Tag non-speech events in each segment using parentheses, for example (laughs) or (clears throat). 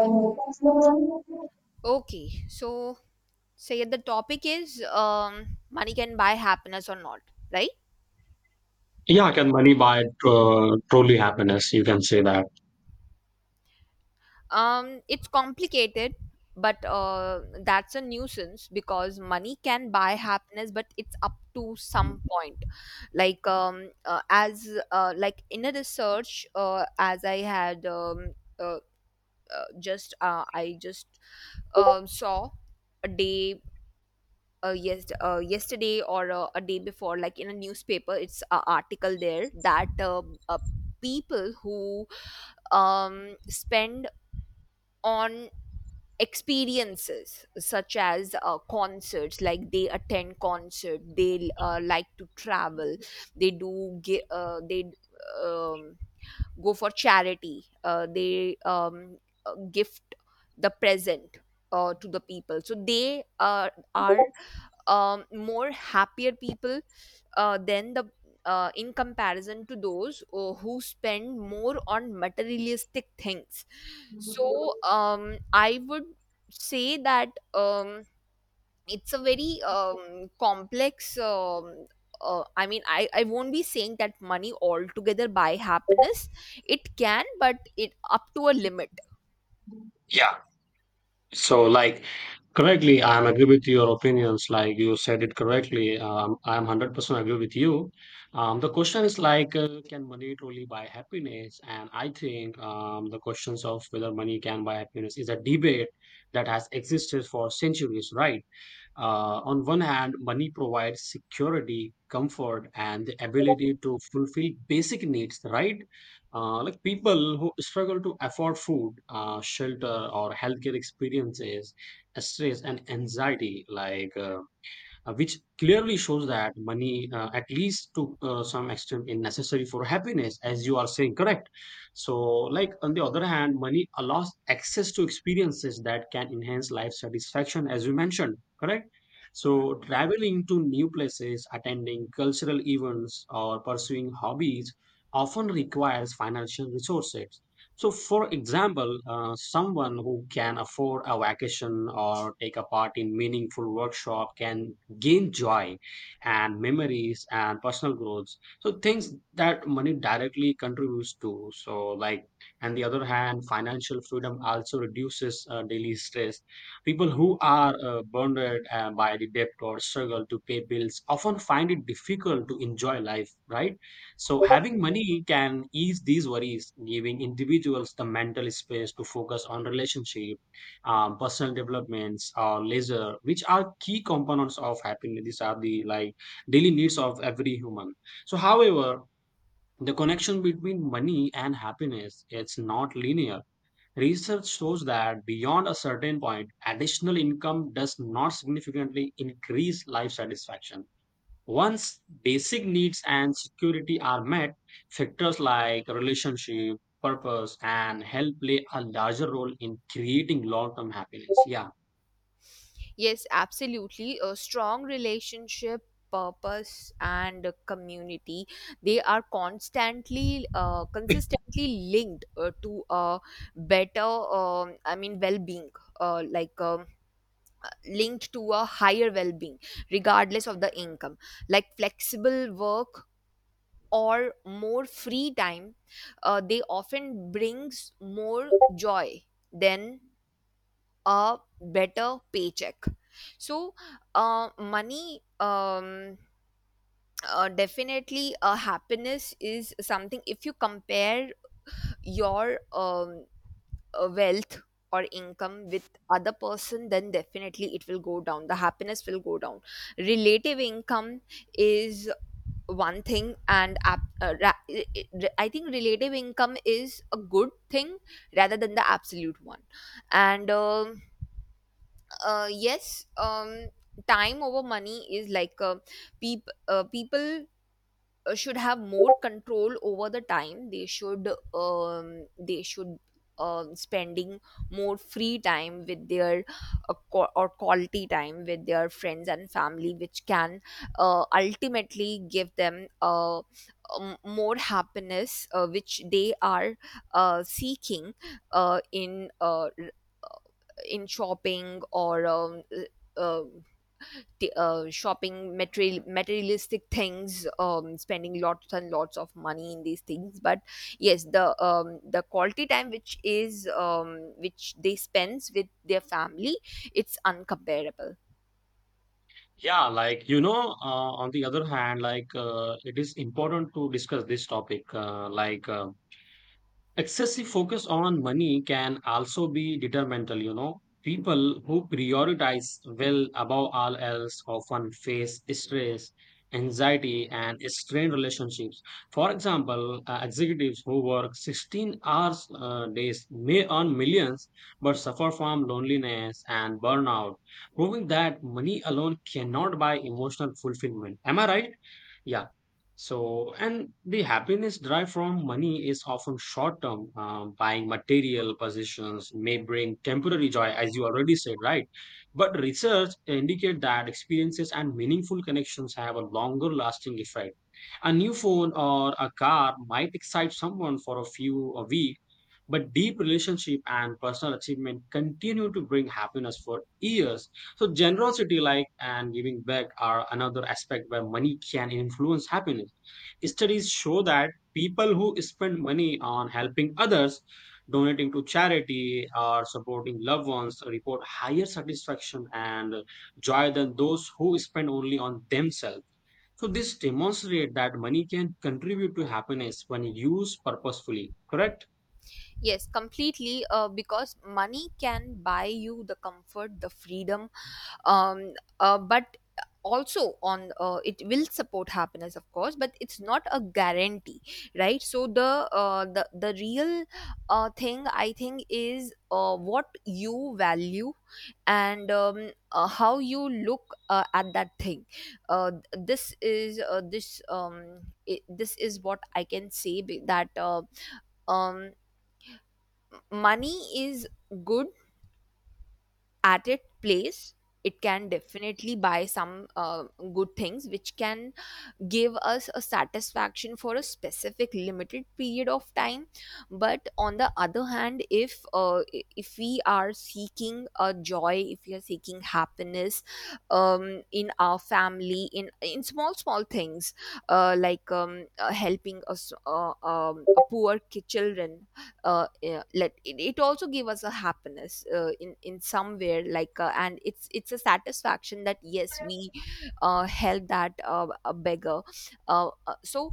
Yeah. Okay, so say the topic is money can buy happiness or not, right? Can money truly happiness, you can say that. It's complicated, but that's a nuisance because money can buy happiness, but it's up to some point. Like as like in a research, as I had uh, just I just saw a day yes, yesterday or a day before, like in a newspaper, it's an article there that uh, people who spend on experiences such as concerts, like they attend concert, they like to travel, they um, go for charity, they gift the present. To the people so they are more happier people than the in comparison to those who spend more on materialistic things. So I would say that it's a very complex. I mean, I won't be saying that money altogether buy happiness. It can, but it up to a limit. Yeah, so like correctly I am agree with your opinions, like you said it correctly. I am 100% agree with you. The question is like, can money truly buy happiness? And I think, the questions of whether money can buy happiness is a debate that has existed for centuries, right? On one hand, money provides security, comfort, and the ability to fulfill basic needs, right? Like people who struggle to afford food, shelter, or healthcare experiences stress and anxiety, which clearly shows that money, at least to some extent, is necessary for happiness, as you are saying, correct? So, like on the other hand, money allows access to experiences that can enhance life satisfaction, as you mentioned, correct? So, traveling to new places, attending cultural events, or pursuing hobbies often requires financial resources. So, for example, someone who can afford a vacation or take a part in meaningful workshop can gain joy and memories and personal growth, so things that money directly contributes to. So like, and the other hand, financial freedom also reduces daily stress. People who are burdened by the debt or struggle to pay bills often find it difficult to enjoy life, right? So having money can ease these worries, giving individuals the mental space to focus on relationships, personal developments or leisure, which are key components of happiness. These are the like daily needs of every human. So however, the connection between money and happiness, it's not linear. Research shows that beyond a certain point additional income does not significantly increase life satisfaction. Once basic needs and security are met, factors like relationship purpose and health play a larger role in creating long term happiness. Yeah, Yes, absolutely. A strong relationship, purpose, and a community, they are constantly, consistently linked to a better, I mean, well being, uh, like um, linked to a higher well being, regardless of the income. Like flexible work or more free time, they often brings more joy than a better paycheck. So money, definitely, happiness is something. If you compare your wealth or income with other person, then definitely it will go down, the happiness will go down. Relative income is one thing, and I think relative income is a good thing rather than the absolute one. And yes, time over money is like, people should have more control over the time. They should spending more free time with their qua- or quality time with their friends and family, which can ultimately give them more happiness, which they are seeking uh, in uh, in shopping or uh, shopping material materialistic things, spending lots and lots of money in these things. But yes, the quality time which is which they spends with their family, it's uncomparable. yeah, like you know, on the other hand, it is important to discuss this topic. Excessive focus on money can also be detrimental, you know. People who prioritize well above all else often face stress, anxiety and strained relationships. For example, executives who work 16 hours days may earn millions but suffer from loneliness and burnout, proving that money alone cannot buy emotional fulfillment, am I right? Yeah. So, and the happiness derived from money is often short term. Buying material possessions may bring temporary joy, as you already said, right? But research indicate that experiences and meaningful connections have a longer lasting effect. A new phone or a car might excite someone for a few a week, but deep relationship and personal achievement continue to bring happiness for years. So generosity, like and giving back, are another aspect where money can influence happiness. Studies show that people who spend money on helping others, donating to charity, or supporting loved ones report higher satisfaction and joy than those who spend only on themselves. So this demonstrates that money can contribute to happiness when used purposefully. Correct? Yes, completely, because money can buy you the comfort, the freedom, um, but also on, it will support happiness of course, but it's not a guarantee, right? So the, the real thing I think is what you value and how you look at that thing. uh, this is uh, this um, this is what I can say that um, money is good at its place. It can definitely buy some good things which can give us a satisfaction for a specific limited period of time. But on the other hand, if if we are seeking a joy, if we are seeking happiness in our family, in small small things, helping us, a poor children, yeah, it also give us a happiness in somewhere like, and it's a satisfaction that yes, we help that a beggar. uh, uh, so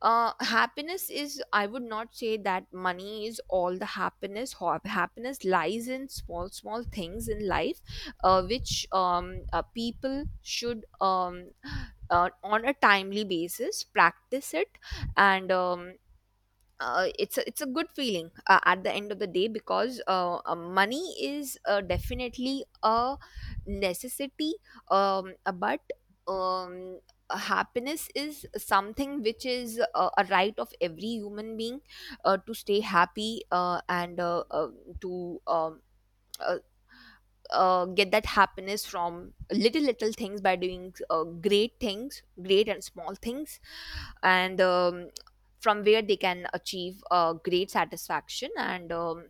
Happiness is, I would not say that money is all the happiness. Happiness lies in small small things in life which people should on a timely basis practice it. And it's a good feeling at the end of the day, because money is definitely a necessity, but um, happiness is something which is a right of every human being to stay happy, and to uh, get that happiness from little little things by doing great things, great and small things, and from where they can achieve great satisfaction, and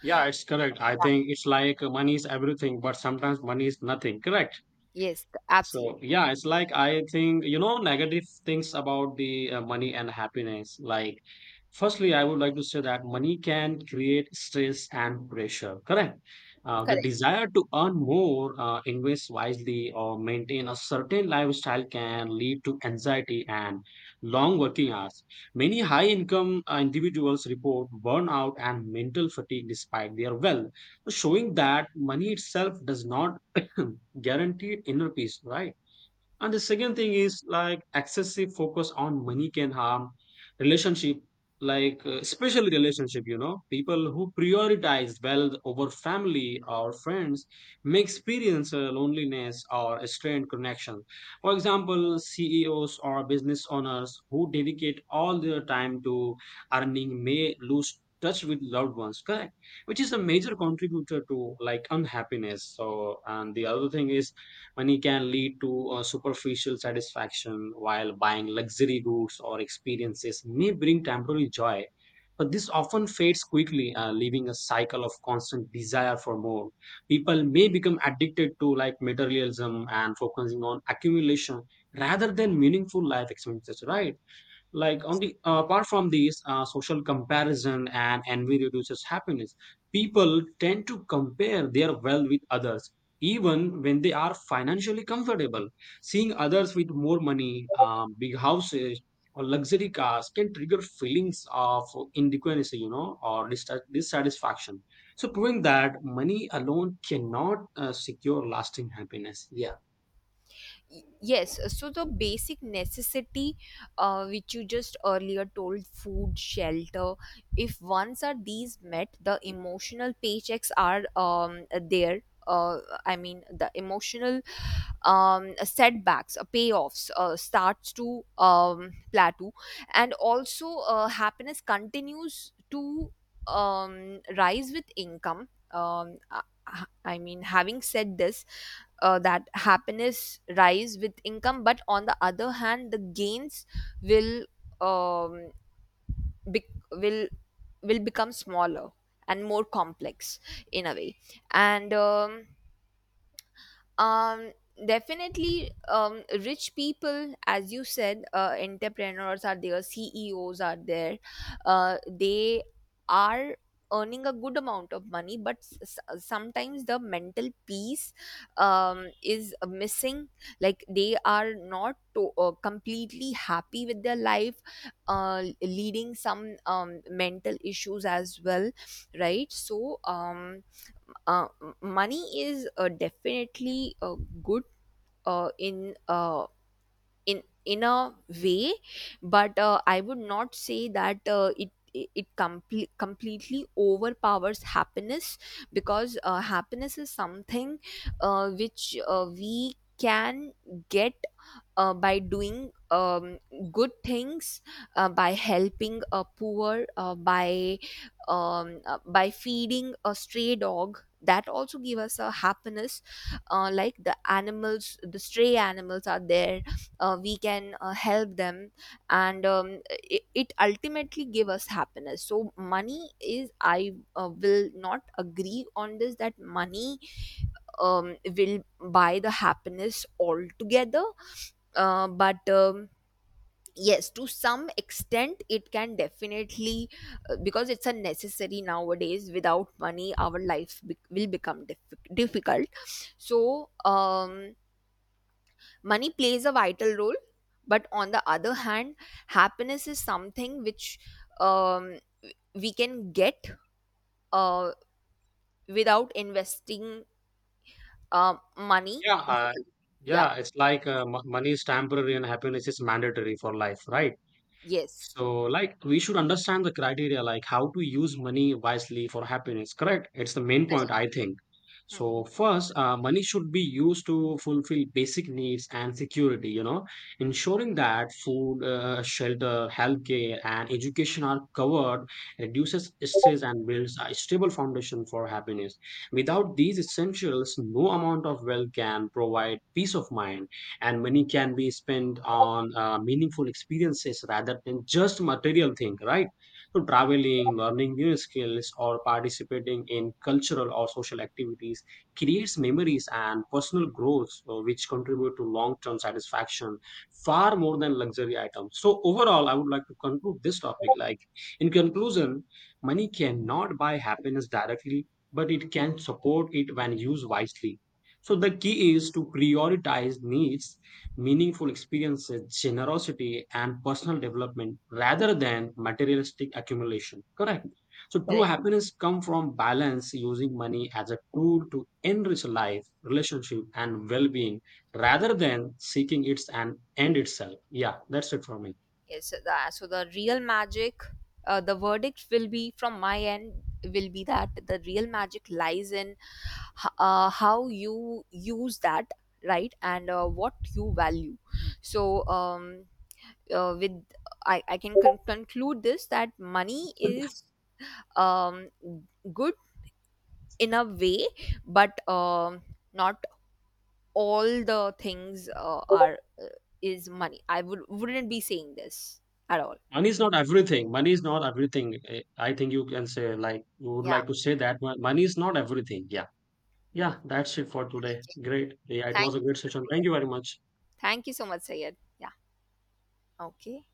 Yeah, it's correct. I think it's like, money is everything, but sometimes money is nothing. Correct? yes, So absolutely. yeah, it's like I think you know negative things about the money and happiness. Like, firstly, I would like to say that money can create stress and pressure. Correct. The desire to earn more, invest wisely, or maintain a certain lifestyle can lead to anxiety and long working hours. Many high-income individuals report burnout and mental fatigue despite their wealth, so showing that money itself does not (clears throat) (laughs) guaranteed inner peace, right? And the second thing is like excessive focus on money can harm relationship, especially relationship. You know, people who prioritize wealth over family or friends may experience loneliness or a strained connection. For example, CEOs or business owners who dedicate all their time to earning may lose touch with loved ones, correct, which is a major contributor to like unhappiness. So and the other thing is, money can lead to superficial satisfaction, while buying luxury goods or experiences may bring temporary joy. But this often fades quickly, leaving a cycle of constant desire for more. People may become addicted to like materialism and focusing on accumulation rather than meaningful life experiences, right? Like on the apart from these, social comparison and envy reduces happiness. People tend to compare their wealth with others even when they are financially comfortable. Seeing others with more money, big houses or luxury cars can trigger feelings of inadequacy, you know, or dissatisfaction. So proving that money alone cannot secure lasting happiness. Yeah, Yes, so the basic necessity which you just earlier told, food, shelter, if once are these met, the emotional paychecks are there. uh, I mean, the emotional setbacks, payoffs starts to plateau, and also happiness continues to rise with income. I I mean, having said this, that happiness rise with income, but on the other hand, the gains will um, bec- will will become smaller and more complex, in a way. And um definitely, rich people, as you said, entrepreneurs are there, CEOs are there, they are earning a good amount of money, but sometimes the mental peace is missing. Like they are not to, completely happy with their life, leading some mental issues as well, right? So money is definitely good uh, in uh, in a way, but I would not say that it completely overpowers happiness. Because happiness is something which we can get by doing good things, by helping a poor, by feeding a stray dog. That also give us a happiness, like the animals, the stray animals are there. We can help them, and it ultimately give us happiness. So money is, I will not agree on this that money will buy the happiness altogether, but yes, to some extent it can definitely, because it's a necessary nowadays. Without money our life will become difficult. So money plays a vital role, but on the other hand, happiness is something which um, we can get uh, without investing money. yeah, uh, Yeah, yeah, it's like money is temporary and happiness is mandatory for life, right? yes. So, like, we should understand the criteria, like how to use money wisely for happiness, correct? It's the main point, Correct. I think. So, Mhm. first, money should be used to fulfill basic needs and security, you know, ensuring that food, shelter, healthcare, and education are covered reduces stress and builds a stable foundation for happiness. Without these essentials, no amount of wealth can provide peace of mind. And money can be spent on meaningful experiences rather than just material thing, right? So Hmm. Hmm. traveling, learning new skills or participating in cultural or social activities creates memories and personal growth, which contribute to long-term satisfaction far more than luxury items. So overall I would like to conclude this topic, like, in conclusion, money cannot buy happiness directly, but it can support it when used wisely. So the key is to prioritize needs, meaningful experiences, generosity, and personal development rather than materialistic accumulation. Correct. So true Correct. happiness comes from balance, using money as a tool to enrich life, relationship, and well-being rather than seeking its an end itself. Yeah, that's it for me. Yes, so the real magic, the verdict will be from my end, will be that the real magic lies in how you use that, right, and what you value. So, with I can conclude this that money is um good in a way, but not all the things are is money. I would wouldn't be saying this at all. Money is not everything. Money is not everything. Eh, I think you can say like you would Yeah. like to say that money is not everything. Yeah. Yeah, that's it for today. Great. Yeah, it Thank was a you great so much, session. Thank Sayed. you very much. Thank you so much, Sayed. Yeah. Okay.